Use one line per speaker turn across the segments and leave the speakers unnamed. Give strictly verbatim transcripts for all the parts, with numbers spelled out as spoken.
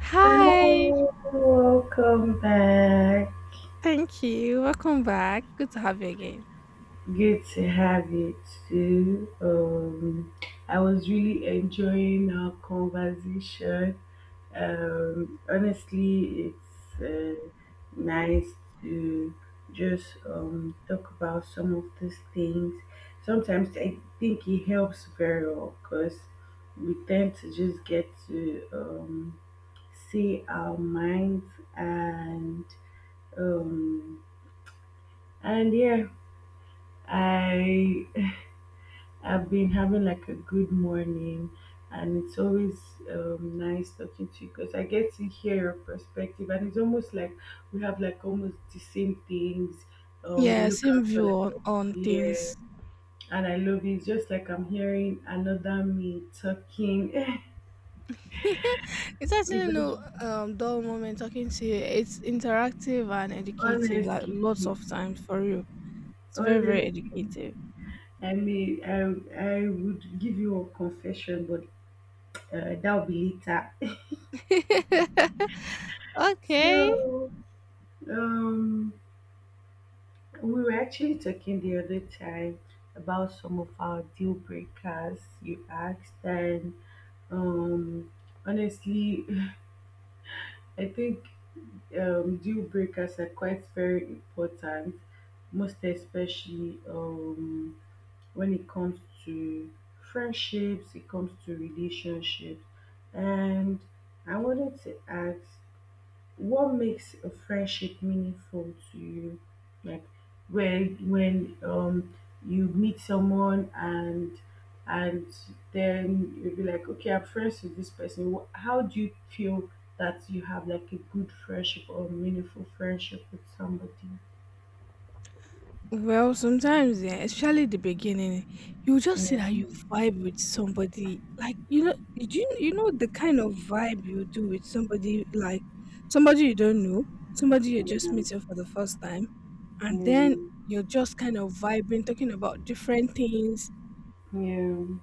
Hi,
Hello, welcome back.
thank you. Welcome back. Good to have you again.
Good to have you too. Um, I was really enjoying our conversation. Um, honestly, it's uh, nice to just um, talk about some of these things. Sometimes I think it helps very well because we tend to just get to um, see our minds and um, And yeah, I have been having like a good morning, and it's always um, nice talking to you because I get to hear your perspective, and it's almost like we have like almost the same things. Um, we
Yeah,
look
same
out for
view
like
on, on
yeah,
things.
and I love it. It's just like I'm hearing another me talking.
It's actually
Even
no um dull moment talking to you. It's interactive and educative, like
honestly,
lots of times for you. It's very,
honestly,
very educative.
I mean, I I would give you a confession, but uh, that'll be later.
Okay.
So. Um, we were actually talking the other time about some of our deal breakers. You asked, and um, honestly, I think um, deal breakers are quite very important, most especially um, when it comes to friendships, it comes to relationships, and I wanted to ask. What makes a friendship meaningful to you, like when when um you meet someone and and then you'll be like, okay, I'm friends with this person. Wh- how do you feel that you have like a good friendship or meaningful friendship with somebody?
Well, sometimes, eh, especially the beginning, you just see
Yeah,
that you vibe with somebody. Like you know, you do you know the kind of vibe you do with somebody like somebody you don't know, somebody you're just
yeah,
meeting for the first time, and
yeah,
then you're just kind of vibing, talking about different things,
yeah.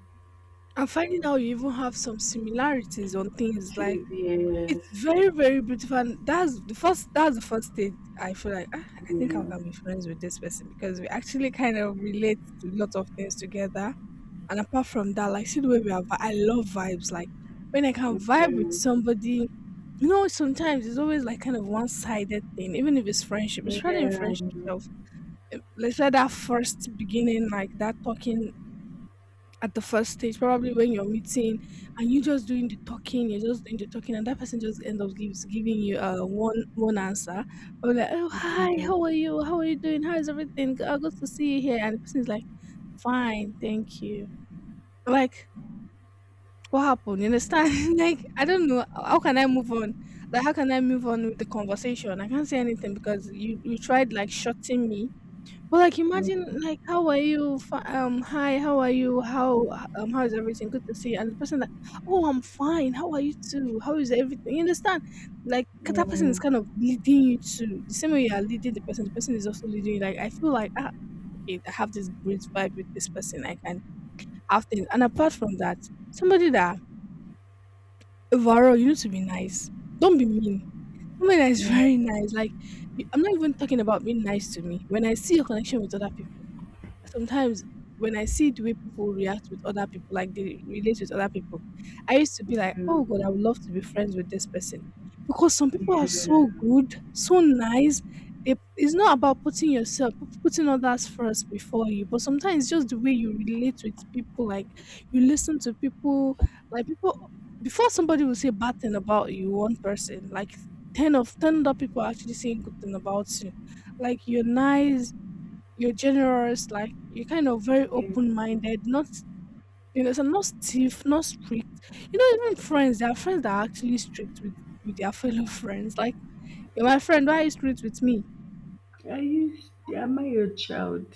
and finding out you even have some similarities on things like
Cheers, yes,
it's very, very beautiful, and that's the first that's the first stage I feel like, "Ah, I think I
yeah,
can be friends with this person," because we actually kind of relate to a lot of things together, and apart from that, like, see the way we are vi I love vibes, like, when I can
yeah,
vibe with
yeah,
somebody, you know, sometimes it's always, like, kind of one-sided thing, even if it's friendship, especially in friendship self. Eh, let's say that first beginning, like, that talking at the first stage, probably when you're meeting and you just doing the talking, you're just doing the talking, and that person just end up gives giving you uh one one answer. Or like, oh hi, how are you? How are you doing? How is everything? G- Uh good to see you here. And the person is like, fine, thank you. Like, what happened? You understand? Like, I don't know. How can I move on? Like, how can I move on with the conversation? I can't say anything because you you tried like shutting me, but, like, imagine, like, "How are you? Fi um, Hi, how are you? How um, how is everything? Good to see you." And the person like, "Oh, I'm fine. How are you too? How is everything?" You understand? Like, that person is kind of leading you to the same way you are leading the person, the person is also leading you. Like, I feel like, "Ah, okay, I have this great vibe with this person. I can have things." And apart from that, somebody that overall, you need to be nice. Don't be mean. Somebody that is
yeah,
very
yeah,
nice, like, i I'm not even talking about being nice to me. When I see your connection with other people sometimes, when I see the way people react with other people, like they relate with other people, I used to be like, oh God, I would love to be friends with this person. Because some people are
yeah,
so
yeah,
good, so nice. They, it's not about putting yourself, putting others first before you, but sometimes just the way you relate with people, like you listen to people, like people, before somebody will say bad thing about you, one person, like ten of ten other people are actually saying good thing about you. Like you're nice, you're generous, like you're kind of very
yeah.
open-minded, not, you know, so not stiff, not strict. You know, even friends, there are friends that are actually strict with, with their fellow friends. Like, you're my friend, why are you strict with me?
Are you? Am I your child?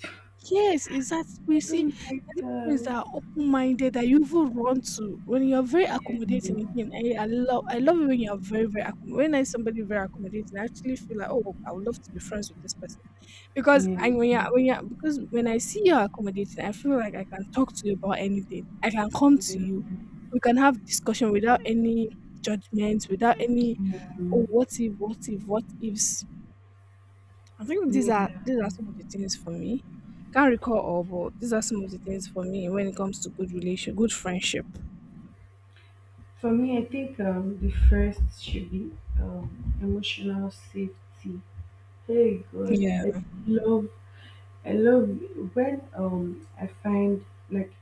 Yes, is that, we
Oh
see
my
there are friends
god.
that are open-minded that you even run to when you're very
Yeah.
accommodating
Yeah.
again. I, I love I love it when you're very, very accommodating. When I see somebody very accommodating, I actually feel like, oh, I would love to be friends with this person. Because
Yeah.
and when you when you because when I see you accommodating, I feel like I can talk to you about anything. I can come to you. We can have discussion without any judgments, without any
Mm,
oh what if, what if, what ifs. I think these are
yeah.
these are some of the things for me. Can't recall all, but these are some of the things for me when it comes to good relation, good friendship.
For me, I think um, the first should be um, emotional safety. Hey God,
Yeah.
I love I love when um I find like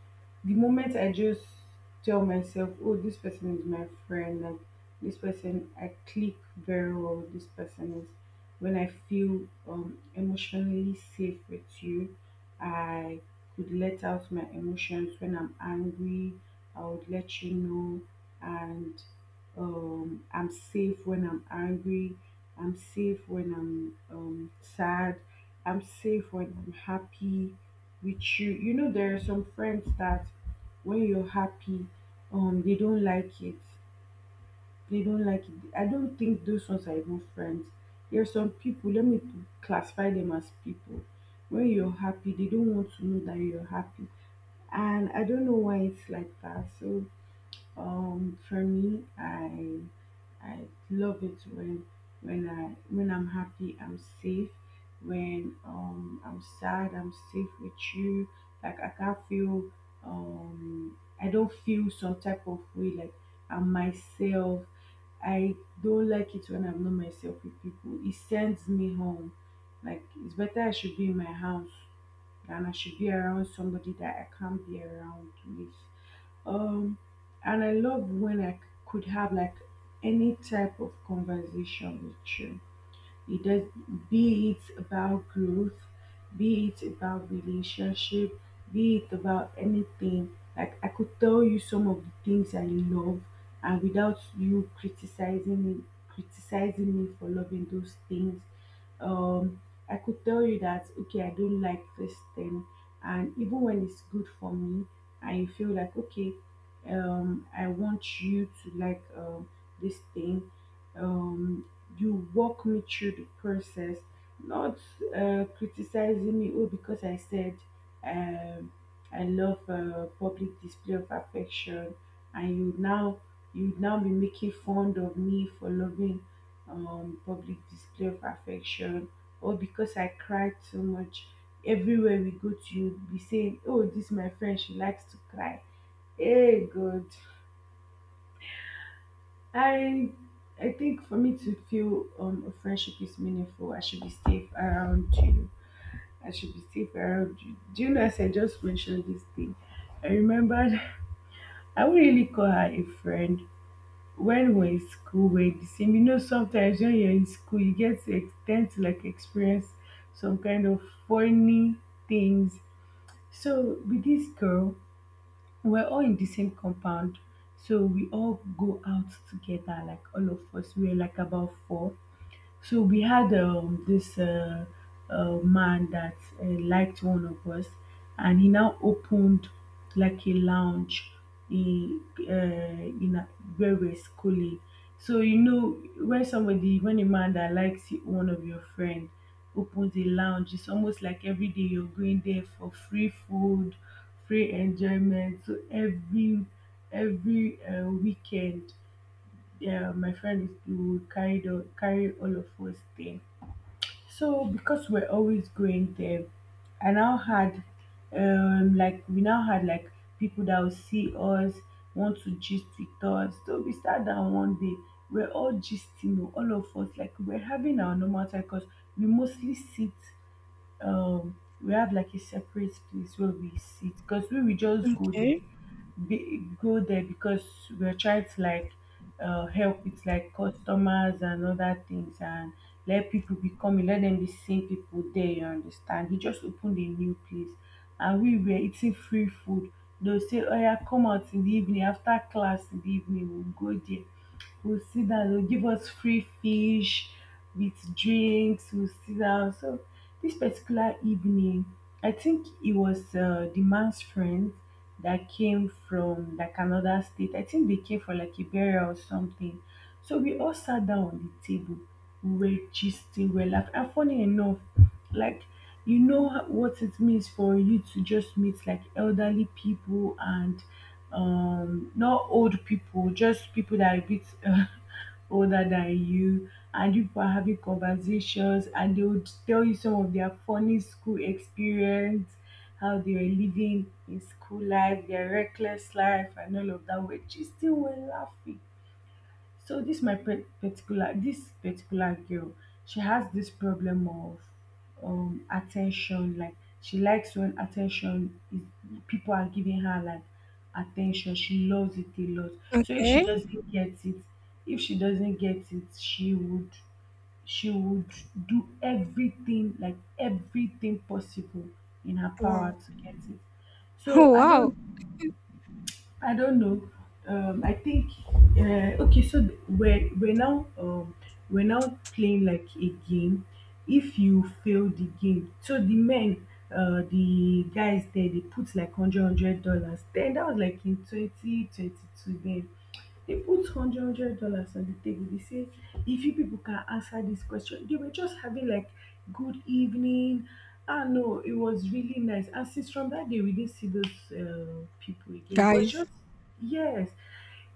the moment I just tell myself, oh, this person is my friend, like this person I click very well with, this person is when I feel um emotionally safe with you. I could let out my emotions. When I'm angry, I would let you know, and um I'm safe when I'm angry, I'm safe when I'm um sad, I'm safe when I'm happy with you. You know, there are some friends that when you're happy, um, they don't like it. They don't like it. I don't think those ones are even friends. There are some people, let me classify them as people. When you're happy, they don't want to know that you're happy. And I don't know why it's like that. So um, for me, I I love it when when I when I'm happy, I'm safe. When um I'm sad, I'm safe with you. Like I can't feel um I don't feel some type of way. Like I'm myself. I don't like it when I'm not myself with people. It sends me home. Like it's better I should be in my house than I should be around somebody that I can't be around with. Um, and I love when I c- could have like any type of conversation with you. It does. Be it about growth, be it about relationship, be it about anything. Like I could tell you some of the things I love, and without you criticizing me, criticizing me for loving those things, um, I could tell you that, okay, I don't like this thing, and even when it's good for me, and you feel like, okay, um, I want you to like um, this thing, um, you walk me through the process, not uh, criticizing me. Oh, because I said um, I love uh, public display of affection, and you now you now be making fun of me for loving um, public display of affection, or because I cried so much. Everywhere we go to, you be saying, "Oh, this my friend, she likes to cry." Hey, God. I I think for me to feel um a friendship is meaningful, I should be safe around you. I should be safe around you. Do you know, as I just mentioned this thing? I remembered I would really call her a friend. When we're in school, we're the same. You know, sometimes when you're in school, you get to ex- tend to like experience some kind of funny things. So with this girl, we are all in the same compound, so we all go out together. Like all of us, we are like about four, so we had um, this uh, uh, man that uh, liked one of us, and he now opened like a lounge in uh, in a, where we're schooling. So you know, when somebody, when a man that likes you- one of your friend opens a lounge, it's almost like every day you're going there for free food, free enjoyment. So every every uh, weekend, yeah, my friend is to carry all carry all of us there. So because we're always going there, I now had um like we now had like people that will see us, want to gist with us. So we sat down one day, we're all gisting, oh, all of us, like we're having our normal time because we mostly sit, um we have like a separate place where we sit because we will just go
Okay.
there be, go there because we're trying to like uh, help with like customers and other things, and let people be coming, let them be seeing people there, you understand. He just opened a new place and we were eating free food. They'll say, oh yeah, come out in the evening, after class in the evening, we'll go there. We'll sit down. They'll give us free fish with drinks. We'll sit down. So this particular evening, I think it was uh, the man's friends that came from like another state. I think they came for like Iberia or something. So we all sat down on the table. We were gisting, we were laughing. And funny enough, like you know h- what it means for you to just meet like elderly people and um not old people, just people that are a bit uh, older than you, and you people are having conversations and they would tell you some of their funny school experience, how they were living in school life, their reckless life and all of that, which you still were laughing. So this my pa- particular this particular girl, she has this problem of um attention. Like she likes when attention is, people are giving her like attention. She loves it a lot. So if she
Okay.
doesn't get it, if she doesn't get it, she would she would do everything, like everything possible in her
Wow.
power to get it. So
Oh
I
wow,
don't I don't know. Um, I think uh, okay. So th- we're we're now um, we're now playing like a game. If you fail the game, so the men, uh, the guys there, they put like hundred hundred dollars. Then that was like in twenty twenty two. Then they put hundred hundred dollars on the table. They say, if you people can answer this question, they were just having like good evening. Ah, no, it was really nice. And since from that day, we didn't see those uh, people again. It was
guys.
just, yes,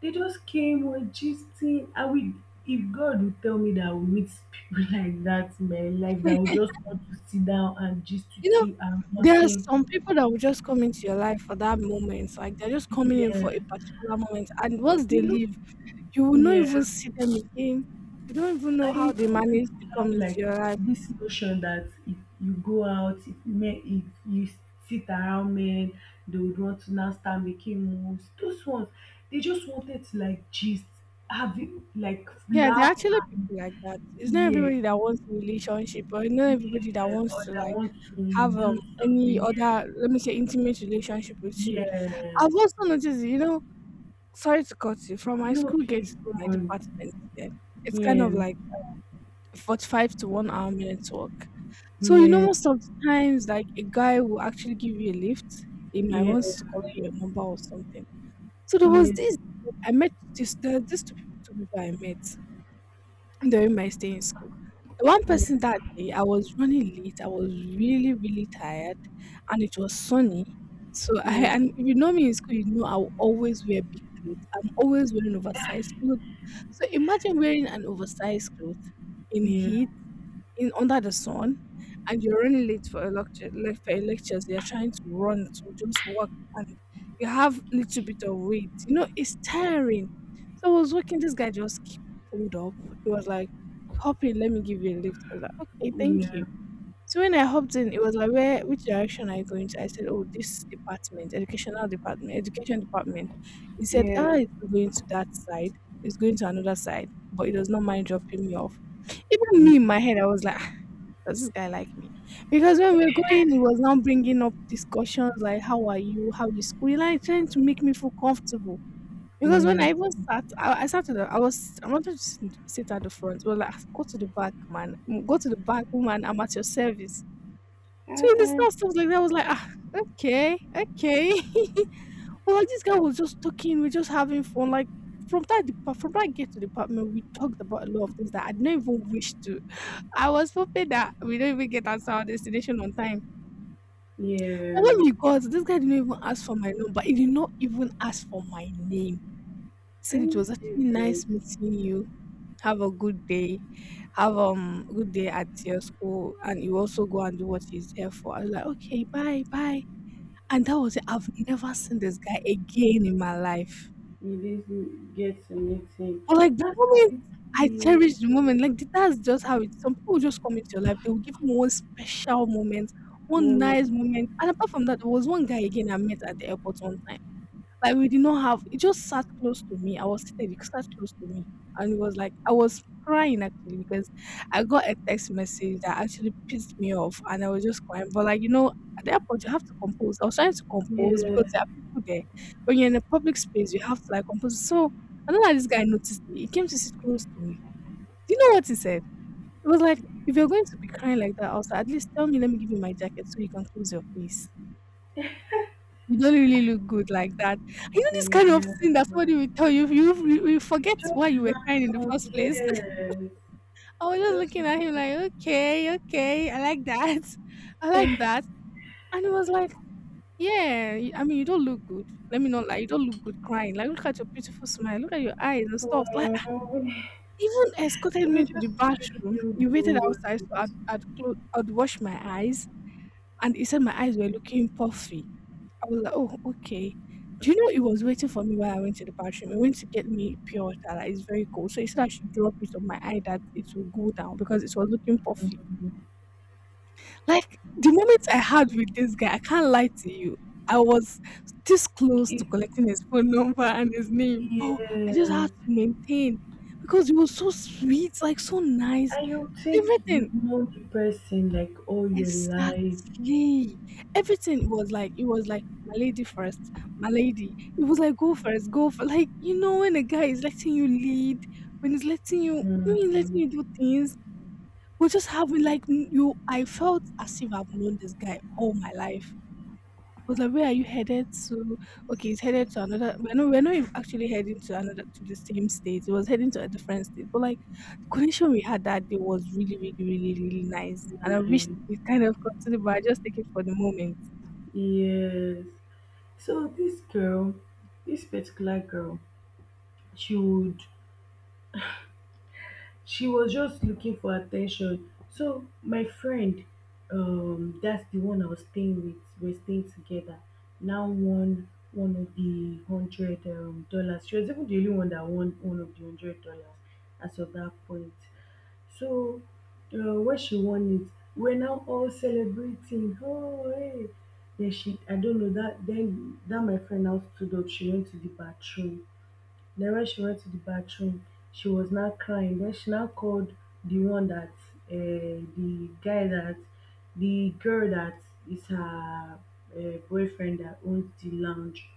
they just came, were gisting. And we, if God would tell me that I would meet people like that in my life, that would just want to sit down and gist
You
with
know,
you and
there are
nothing,
some people that will just come into your life for that moment. Like they're just coming in for a
yeah,
particular moment. And once they
you
leave, you will
know,
not
yeah.
even see them again. You don't even know
I
how they
know
managed
people
to come
have
into
like
your life.
this notion that if you go out, if men, if you sit around men, they would want to now start making moves. Those ones, they just wanted to like gist, have it, like
Yeah, there are
laugh
actually
and,
people like that. It's not
yes,
everybody that wants a relationship or not everybody that
yeah,
wants
or
to
they
like
want to
have um,
do stuff.
any
Yeah,
other, let me say, intimate relationship with you. I've
yes.
also noticed, you know, sorry to cut you, from my
No,
school gate
please
to
come
my
on.
department, yeah, it's kind
Yeah,
of like forty-five to one hour minutes walk. So you know,
yeah,
most of the times, like a guy will actually give you a lift. He might
yeah,
want to collect your number or something. So there was
yeah,
this. I met this. There are these two people, two people I met during my stay in school. The one person
yeah,
that day, I was running late. I was really, really tired, and it was sunny. So
yeah,
I,
yeah,
and if you know me in school, you know I will always wear big clothes. I'm always wearing oversized clothes. So imagine wearing an oversized clothes in
yeah,
heat, in under the sun, and you're running late for a lecture, like for a lectures you're trying to run to, just walk, and you have little bit of weight, you know it's tiring. So I was walking, this guy just ke- pulled up. He was like, hop in, let me give you a lift. I was like, okay, thank you.
yeah.
So when I hopped in, it was like, where, which direction are you going to? I said, oh, this department, educational department education department. He said,
Yeah.
ah, it's not going to that side, it's going to another side, but it does not mind dropping me off. Even me
Yeah,
in my head, I was like, does this guy like me? Because when we were going, he was now bringing up discussions like, how are you? How is school? He like trying to make me feel comfortable. Because when
yeah.
I even sat, I, I sat at the, I was, I wanted to sit, sit at the front. Well, like, go to the back, man. Mm, go to the back, woman. I'm at your service. So he
Uh-uh.
understands stuff stuff like that. I was like, ah, okay, okay. But like this guy was just talking, we're just having fun. Like from that depa- from that gate to the apartment, we talked about a lot of things that I didn't even wish to. I was hoping that we don't even get us our destination on time.
Yeah.
But when we got, this guy didn't even ask for my number. He did not even ask for my name.
Are
Said it
you
was actually nice
serious?
meeting you. Have a good day. Have um a good day at your school, and you also go and do what he's here for. I was like, okay, bye, bye. And that was it. I've never seen this guy again in my life.
You didn't get to meet him.
But like the
That's a
moment
really
I
cute
cherish the moment, like th- that's just how it. Some people just come into your life. They will give you one special moment, one
moment.
nice moment. And apart from that, there was one guy again I met at the airport one time. Like, we did not have it just sat close to me. I was seated, it sat close to me, and it was like I was crying actually because I got a text message that actually pissed me off, and I was just crying. But like you know, at the airport you have to compose. I was trying to compose because
Yeah.
there are people there. When you're in a public space, you have to like compose. So I don't know how this guy noticed me. He came to sit close to me. Do you know what he said? It was like, if you're going to be crying like that, also at least tell me. Let me give you my jacket so you can close your face. You don't really look good like that. You know this kind of
Yeah.
thing that somebody will tell you, you you you forget why
Just
you were crying in the
random.
first place.
Yes.
I was just
Just
looking at him like, okay, okay, I like that, I like that, and he was like, yeah, you- I mean, you don't look good. Let me not lie, you don't look good crying. Like, look at your beautiful smile, look at your eyes and stuff. Like,
fun.
even escorted
It
me
will
to the
just make you
bathroom.
feel
You waited outside
good.
so I'd I'd, clo- I'd wash my eyes, and he said my eyes were looking puffy. I was like, "Oh, okay." Do you know he was waiting for me while I went to the bathroom? He went to get me pure water, like it's very cold. So he said I should drop it on my eye that it will go down because it was looking puffy. Like the moment I had with this guy, I can't lie to you. I was this close to
If
collecting his phone number and his name, but I just had
Yeah.
to maintain because he was so sweet, like so nice,
And you think
everything.
you've known the person like all your life.
Exactly. Everything was like it was like my lady first, my lady. It was like go first, go for like you know when a guy is letting you lead, when he's letting you when he's letting
Mhm.
you do things, we just having like n- you I felt as if I've known this guy all my life. It was like, "Where are you headed to?" Okay, it's headed to another, we're not we're not even actually heading to another to the same state. It was heading to a different state. But like the connection we had that day was really, really, really, really nice. And I wish it kind of continued, but I just take it for the moment.
Yes. So this girl, this particular girl, she would she was just looking for attention. So my friend, um, that's the one I was staying with, we're staying together. Now won one of the hundred um, dollars. She was even the only one that won one of the hundred dollars as of that point. So uh, when she won it, we're now all celebrating. Oh, hey. Then she, I don't know that, then that my friend now stood up, she went to the bathroom. Then when she went to the bathroom, she was now crying. Then she now called the one that, uh, the guy that, the girl that is her uh, boyfriend that owns the lounge.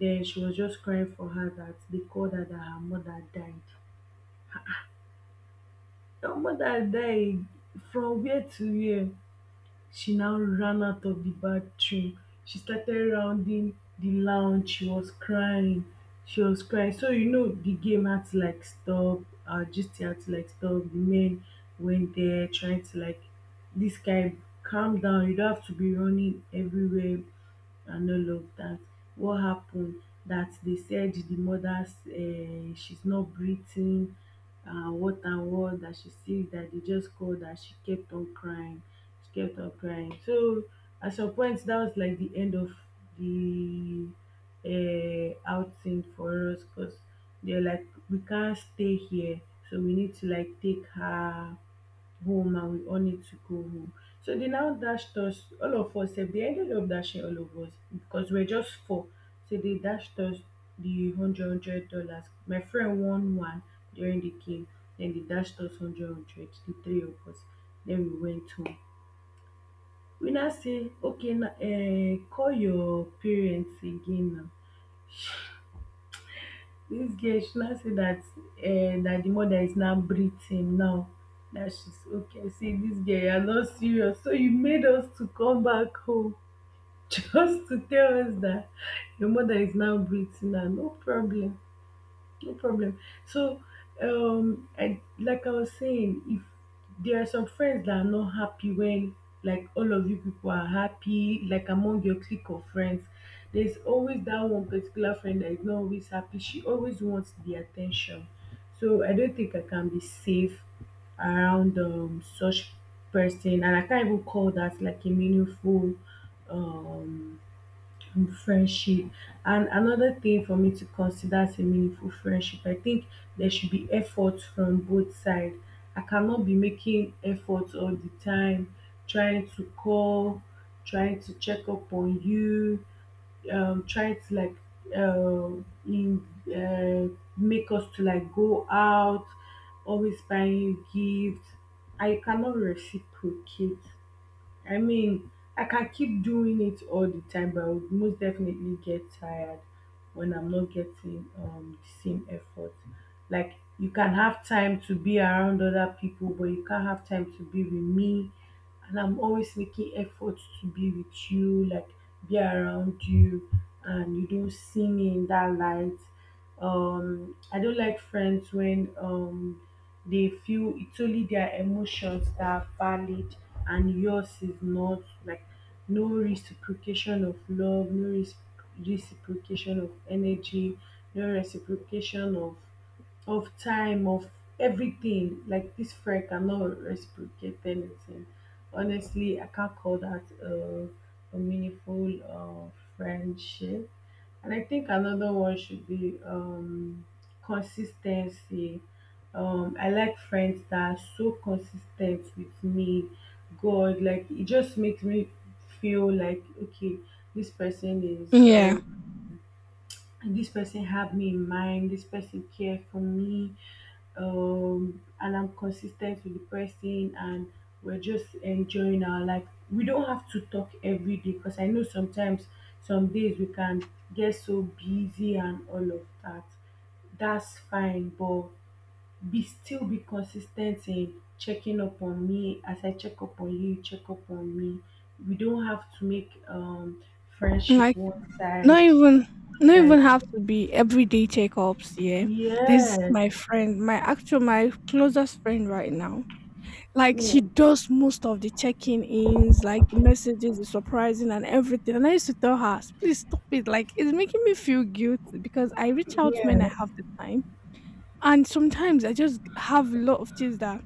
Then she was just crying for her that they called her that her mother died. Her mother died, from where to where? She now ran out of the bathroom. She started rounding the lounge. She was crying. She was crying. So you know the game had to like stop. Uh just had to like stop. The men went there trying to like this guy calm down. You don't have to be running everywhere and all of that. What happened? That they said the mother's uh, she's not breathing, uh, what and what that she sees that they just called that she kept on crying. She kept on crying. So at some point, that was like the end of the uh, outing for us because they're like, we can't stay here. So we need to like take her home and we all need to go home. So they now dashed us, all of us, except they ended up dashing all of us because we're just four. So they dashed us the hundred hundred dollars. My friend won one during the game. Then they dashed us hundred hundred, the three of us. Then we went home. We now say okay na um call your parents again now. Dis girl she now say dat um dat the mother is now breathing now, dat she's okay. I say dis girl you are not serious, so you made us to come back home just to tell us dat your mother is now breathing now, no problem. No problem. So, um, I, like I was saying, if there are some friends that are not happy when, like, all of you people are happy, like among your clique of friends, there's always that one particular friend that is not always happy. She always wants the attention. So, I don't think I can be safe around um, such person, and I can't even call that like a meaningful um in friendship. And another thing for me to consider as a meaningful friendship, I think there should be effort from both sides. I cannot be making effort all the time, trying to call, trying to check up on you, um trying to like uh, in uh, make us to like go out, always buying you gifts. I cannot reciprocate. I mean, I can keep doing it all the time, but I would most definitely get tired when I'm not getting um, the same effort. Like, you can have time to be around other people, but you can't have time to be with me. And I'm always making efforts to be with you, like, be around you, and you don't see me in that light. Um, I don't like friends when um, they feel it's only their emotions that are valid and yours is not, like no reciprocation of love, no res- reciprocation of energy, no reciprocation of of time, of everything. Like this friend cannot reciprocate anything. Honestly, I can't call that a, a meaningful uh, friendship. And I think another one should be um, consistency. Um, I like friends that are so consistent with me. God, like it just makes me feel like okay, this person is
Yeah.
um, this person have me in mind, this person care for me, um, and I'm consistent with the person, and we're just enjoying our life. We don't have to talk every day because I know sometimes, some days we can get so busy and all of that. That's fine, but be still be consistent in checking up on me as I check up on you, you check up on me. We don't have to make um friendship
Like
one
not
side,
even
one
not even
side.
have to be everyday checkups, yeah. There's
Yeah.
my friend, my actual my closest friend right now. Like she
Yeah,
does most of the checking ins, like the messages, the surprising and everything. And I used to tell her, please stop it. Like it's making me feel guilty because I reach out when
yeah.
I have the time. And sometimes I just have a lot of things that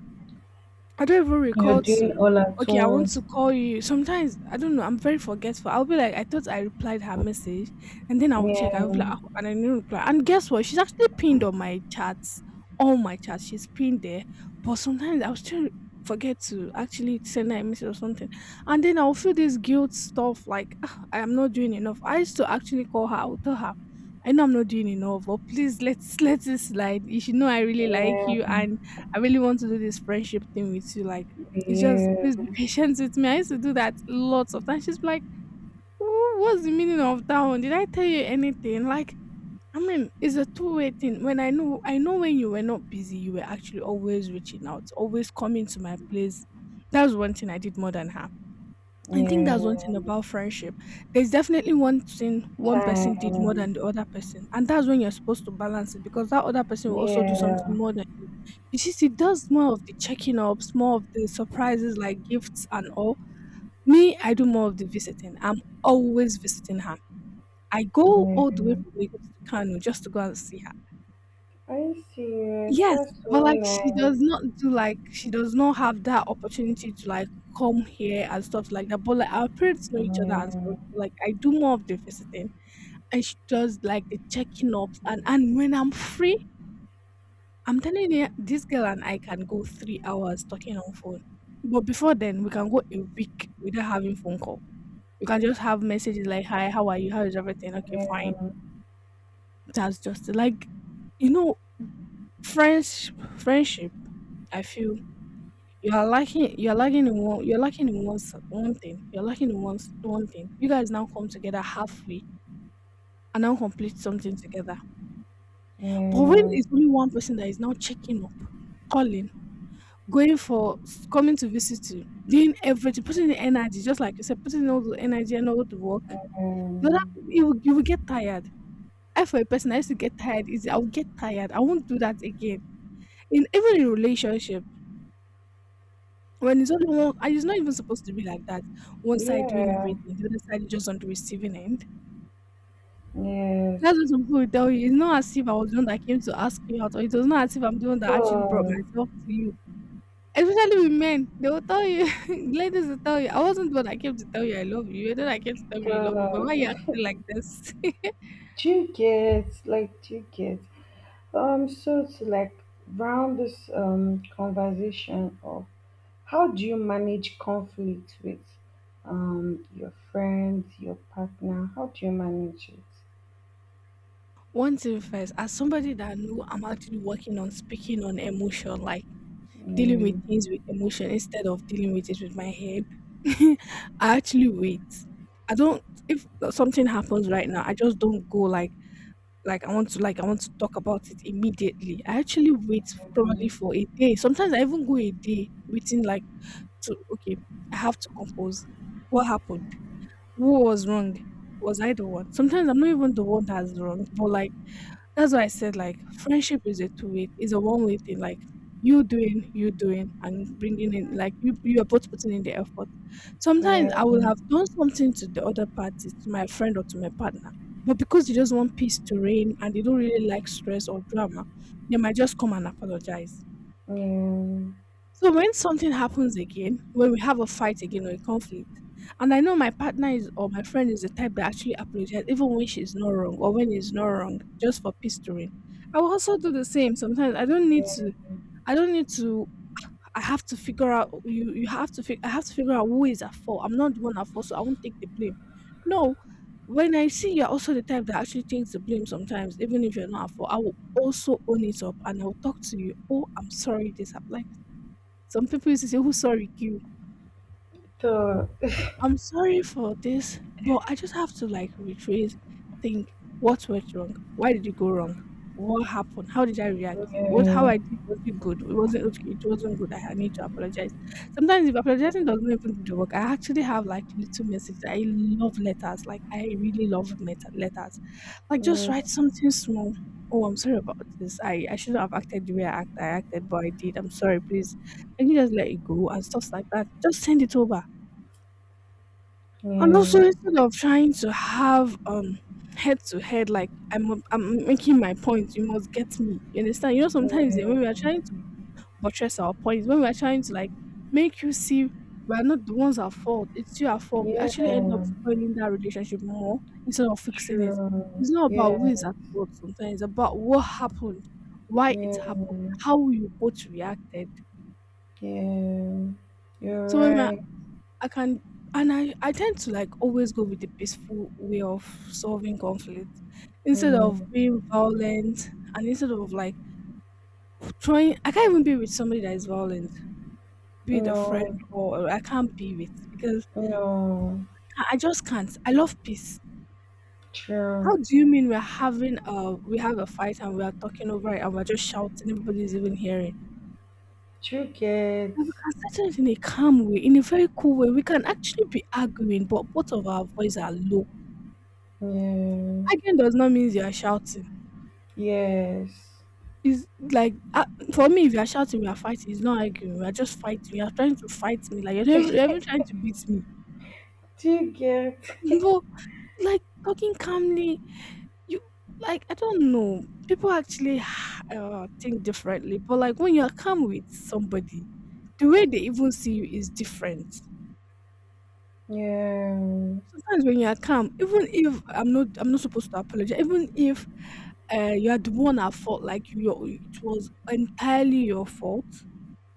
I don't even
You're
recall to.
doing all at
Okay, I want to
once.
call you. Sometimes I don't know. I'm very forgetful. I'll be like, I thought I replied her message, and then I'll check. I'll be like,
Yeah,
"Ah," and I didn't reply. And guess what? She's actually pinned on my chats, all my chats. She's pinned there. But sometimes I'll still forget to actually send her a message or something, and then I'll feel this guilt stuff like "Ah, I am not doing enough. I used to actually call her. I'll tell her, I know I'm not doing enough, but please let's let it slide. You should know I really like
yeah,
you, and I really want to do this friendship thing with you. Like, it's just
yeah,
please be patient with me. I used to do that lots of times. She's like, "Wh- what's the meaning of that one? Did I tell you anything? Like, I mean, it's a two-way thing. When I know, I know when you were not busy, you were actually always reaching out, always coming to my place. That was one thing I did more than her. I think that's one
yeah,
thing about friendship. There's definitely one thing one person did
time,
more than the other person. And that's when you're supposed to balance it because that other person will also do something
yeah,
more than you. You see, she does more of the checking ups, more of the surprises like gifts and all. Me, I do more of the visiting. I'm always visiting her. I go all
yeah.
the way from Lagos to Kano just to go and see her.
Are you serious?
Yes,
That's
but,
so
like, she
nice.
does not do, like she does not have that opportunity to, like, come here and stuff like that, but, like, our parents know each other and stuff,
Yeah,
like, I do more of the visiting, and she does, like, the checking ups, and and when I'm free, I'm telling you, this girl and I can go three hours talking on phone, but before then, we can go a week without having phone call. We can just have messages like, "Hi, how are you? How is everything? Okay, fine." That's just it, like, you know, friends friendship, I feel you are lacking you are lacking in one you're lacking in one s- one thing. You're lacking in one s- one thing. You guys now come together halfway and now complete something together. But when it's only one person that is now checking up, calling, going for s- coming to visit you, doing everything, putting in energy, just like you said, putting in all the energy and all the work, the other you will, you will get tired. I for a person I used to get tired Is I'll get tired. I won't do that again. In even in relationship. When it's only one, and it's not even supposed to be like that. One side doing
yeah,
everything, the other side is just on the receiving end.
yes.
That's what some people will tell you. It's not as if I was the one that came to ask you out, or it was not as if I'm the one that actually brought
So,
myself to you. Especially with men, they will tell you, ladies will tell you, I wasn't the one that came to tell you I love you. You're the one that came to tell me you love me, but why you
so,
acting like this?
do you get, like, do you get? Um, so to like round this um conversation up. How do you manage conflict with um, your friends, your partner? How do you manage it?
One thing first, as somebody that I know I'm actually working on speaking on emotion, like dealing
Yeah,
with things with emotion instead of dealing with it with my head. I actually wait. I don't if something happens right now, I just don't go like like I want to like I want to talk about it immediately. I actually wait probably for a day. Sometimes I even go a day waiting like to okay, I have to compose. What happened? Who was wrong? Was I the one? Sometimes I'm not even the one that's wrong, but like that's why I said like friendship is a two way, it's a one way thing. Like you doing, you doing, and bringing in like you you are both putting in the effort. Sometimes
yeah,
I will have done something to the other party, to my friend or to my partner, but because they just want peace to reign and they don't really like stress or drama, they might just come and apologize.
yeah.
So when something happens again, when we have a fight again or a conflict, and I know my partner is or my friend is the type that actually apologizes even when she's not wrong or when he's not wrong, just for peace pestering. I will also do the same. Sometimes I don't need to. I don't need to. I have to figure out. You you have to. Fig, I have to figure out who is at fault. I'm not the one at fault, so I won't take the blame. No, when I see you're also the type that actually takes the blame sometimes, even if you're not at fault, I will also own it up and I'll talk to you. Oh, I'm sorry. This happened. Like some people used to say, Who saw Ricky?
So,
I'm sorry for this, but I just have to like retrace, think what went wrong? Why did it go wrong? What happened? How did I react? What how
yeah,
I did was it good? It wasn't okay, it wasn't good. I ha- need to apologize. Sometimes if apologizing doesn't even do the work, I actually have like little messages. I love letters. Like I really love met- letters. Like just write
mm,
something small. Oh, I'm sorry about this. I, I shouldn't have acted the way I act I acted, but I did. I'm sorry, please. Can you just let it go and stuff like that? Just send it over and also,
yeah,
instead of trying to have um head to head, like I'm I'm making my point, you must get me. You understand? You know, sometimes eh, when we are trying to buttress our points, when we are trying to like make you see we are not the ones at fault, it's you at fault. We
yeah,
actually end up
yeah,
spoiling that relationship more instead of fixing it.
true.
It's not about who is
Yeah,
at fault sometimes, it's about what happened, why it
yeah,
happened, how you both reacted.
yeah. You're
So when we
right.
I can and I, I tend to like always go with the peaceful way of solving conflict instead of
Mm.
being violent and instead of like trying I can't even be with somebody that is violent, be it a friend
No,
or I can't be with because
no,
I I just can't. I love peace. How
true.
do you mean we're having a we have a fight and we are talking over it and we're just shouting, everybody's even hearing?
True
Like, we
kids.
can settle it in a calm way, in a very cool way. We can actually be arguing, but both of our voices are low.
Yeah,
Arguing does not mean you are shouting.
yes.
It's like ah, for me, if you are shouting, we are fighting. It's not arguing. We are just fighting. You are trying to fight me. Like you're not even, you're even trying to beat me.
Do you get?
No, like talking calmly. You like I don't know. People actually uh, think differently, but like when you are calm with somebody, the way they even see you is different.
Yeah.
Sometimes when you are calm, even if I'm not, I'm not supposed to apologize. Even if uh, you are the one at fault, like you, it was entirely your fault.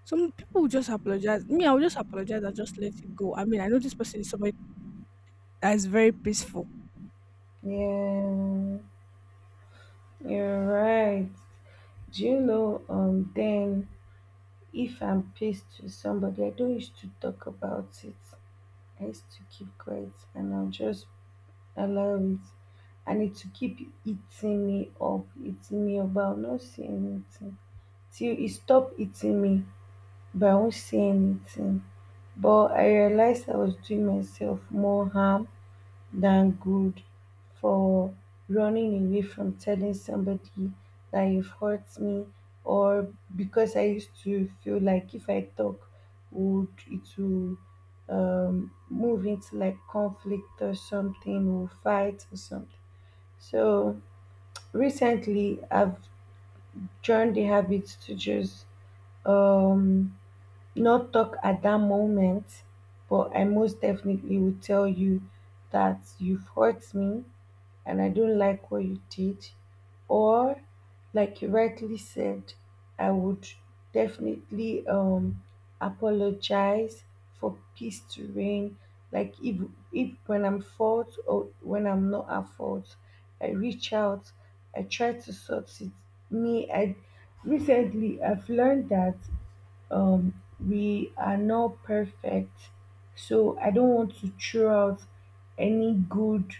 Some people will just apologize. Me, I will just apologize and just let it go. I mean, I know this person is somebody that is very peaceful.
Yeah, you're right. Do you know, um, then if I'm pissed with somebody, I don't used to talk about it. I used to keep quiet and I'll just allow it. And it to keep eating me up, eating me up, but I'll not say anything. Till it stop eating me, but I won't say anything. But I realized I was doing myself more harm than good for running away from telling somebody that you've hurt me. Or because I used to feel like if I talk, would it will um, move into like conflict or something or fight or something. So recently I've joined the habit to just um not talk at that moment, but I most definitely will tell you that you've hurt me and I don't like what you did. Or, like you rightly said, I would definitely um apologize for peace to reign. Like if if when I'm fault or when I'm not at fault, I reach out, I try to sort it. Me, I recently I've learned that um we are not perfect, so I don't want to throw out any good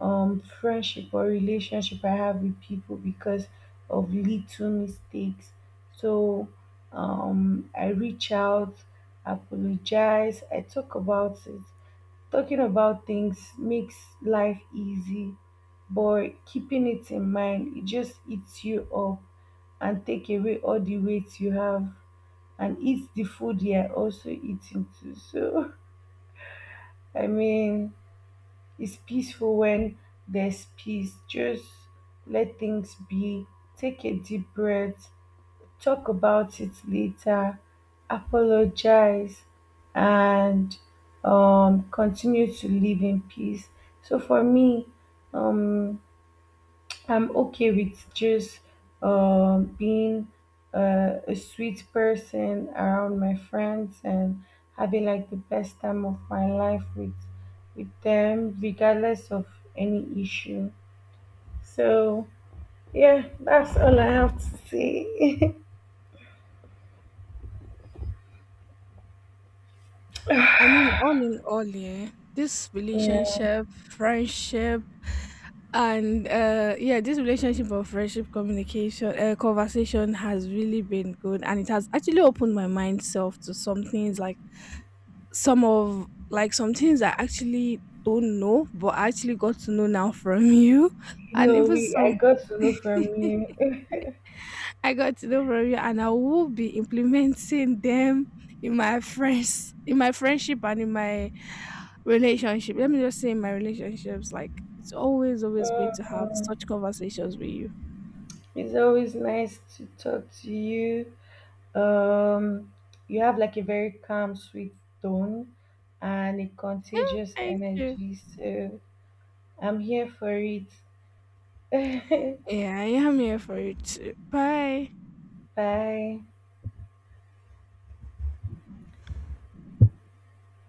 um friendship or relationship I have with people because of little mistakes. So um I reach out, apologize, I talk about it. Talking about things makes life easy, but keeping it in mind, it just eats you up and take away all the weight you have and eats the food you're also eating too. So I mean, it's peaceful when there's peace. Just let things be. Take a deep breath. Talk about it later. Apologize and um, continue to live in peace. So for me, um, I'm okay with just um, being uh, a sweet person around my friends and having like the best time of my life with with them, regardless of any issue. So yeah, that's all I have to say.
I mean, all in all, yeah, this
Yeah,
relationship, friendship, and uh, yeah, this relationship of friendship, communication, uh, conversation has really been good, and it has actually opened my mind self to some things like some of like some things I actually don't know, but I actually got to know now from you, and
no,
even
we I
some
got to know from you.
I got to know from you, and I will be implementing them in my friends, in my friendship, and in my relationship. Let me just say, in my relationships, like it's always, always great to
Mm,
have such conversations with you.
it's always nice to talk to you. Um, you have like a very calm, sweet tone and a contagious
Thank you.
energy. So I'm here for it.
Yeah, I am here for you too. Bye.
Bye.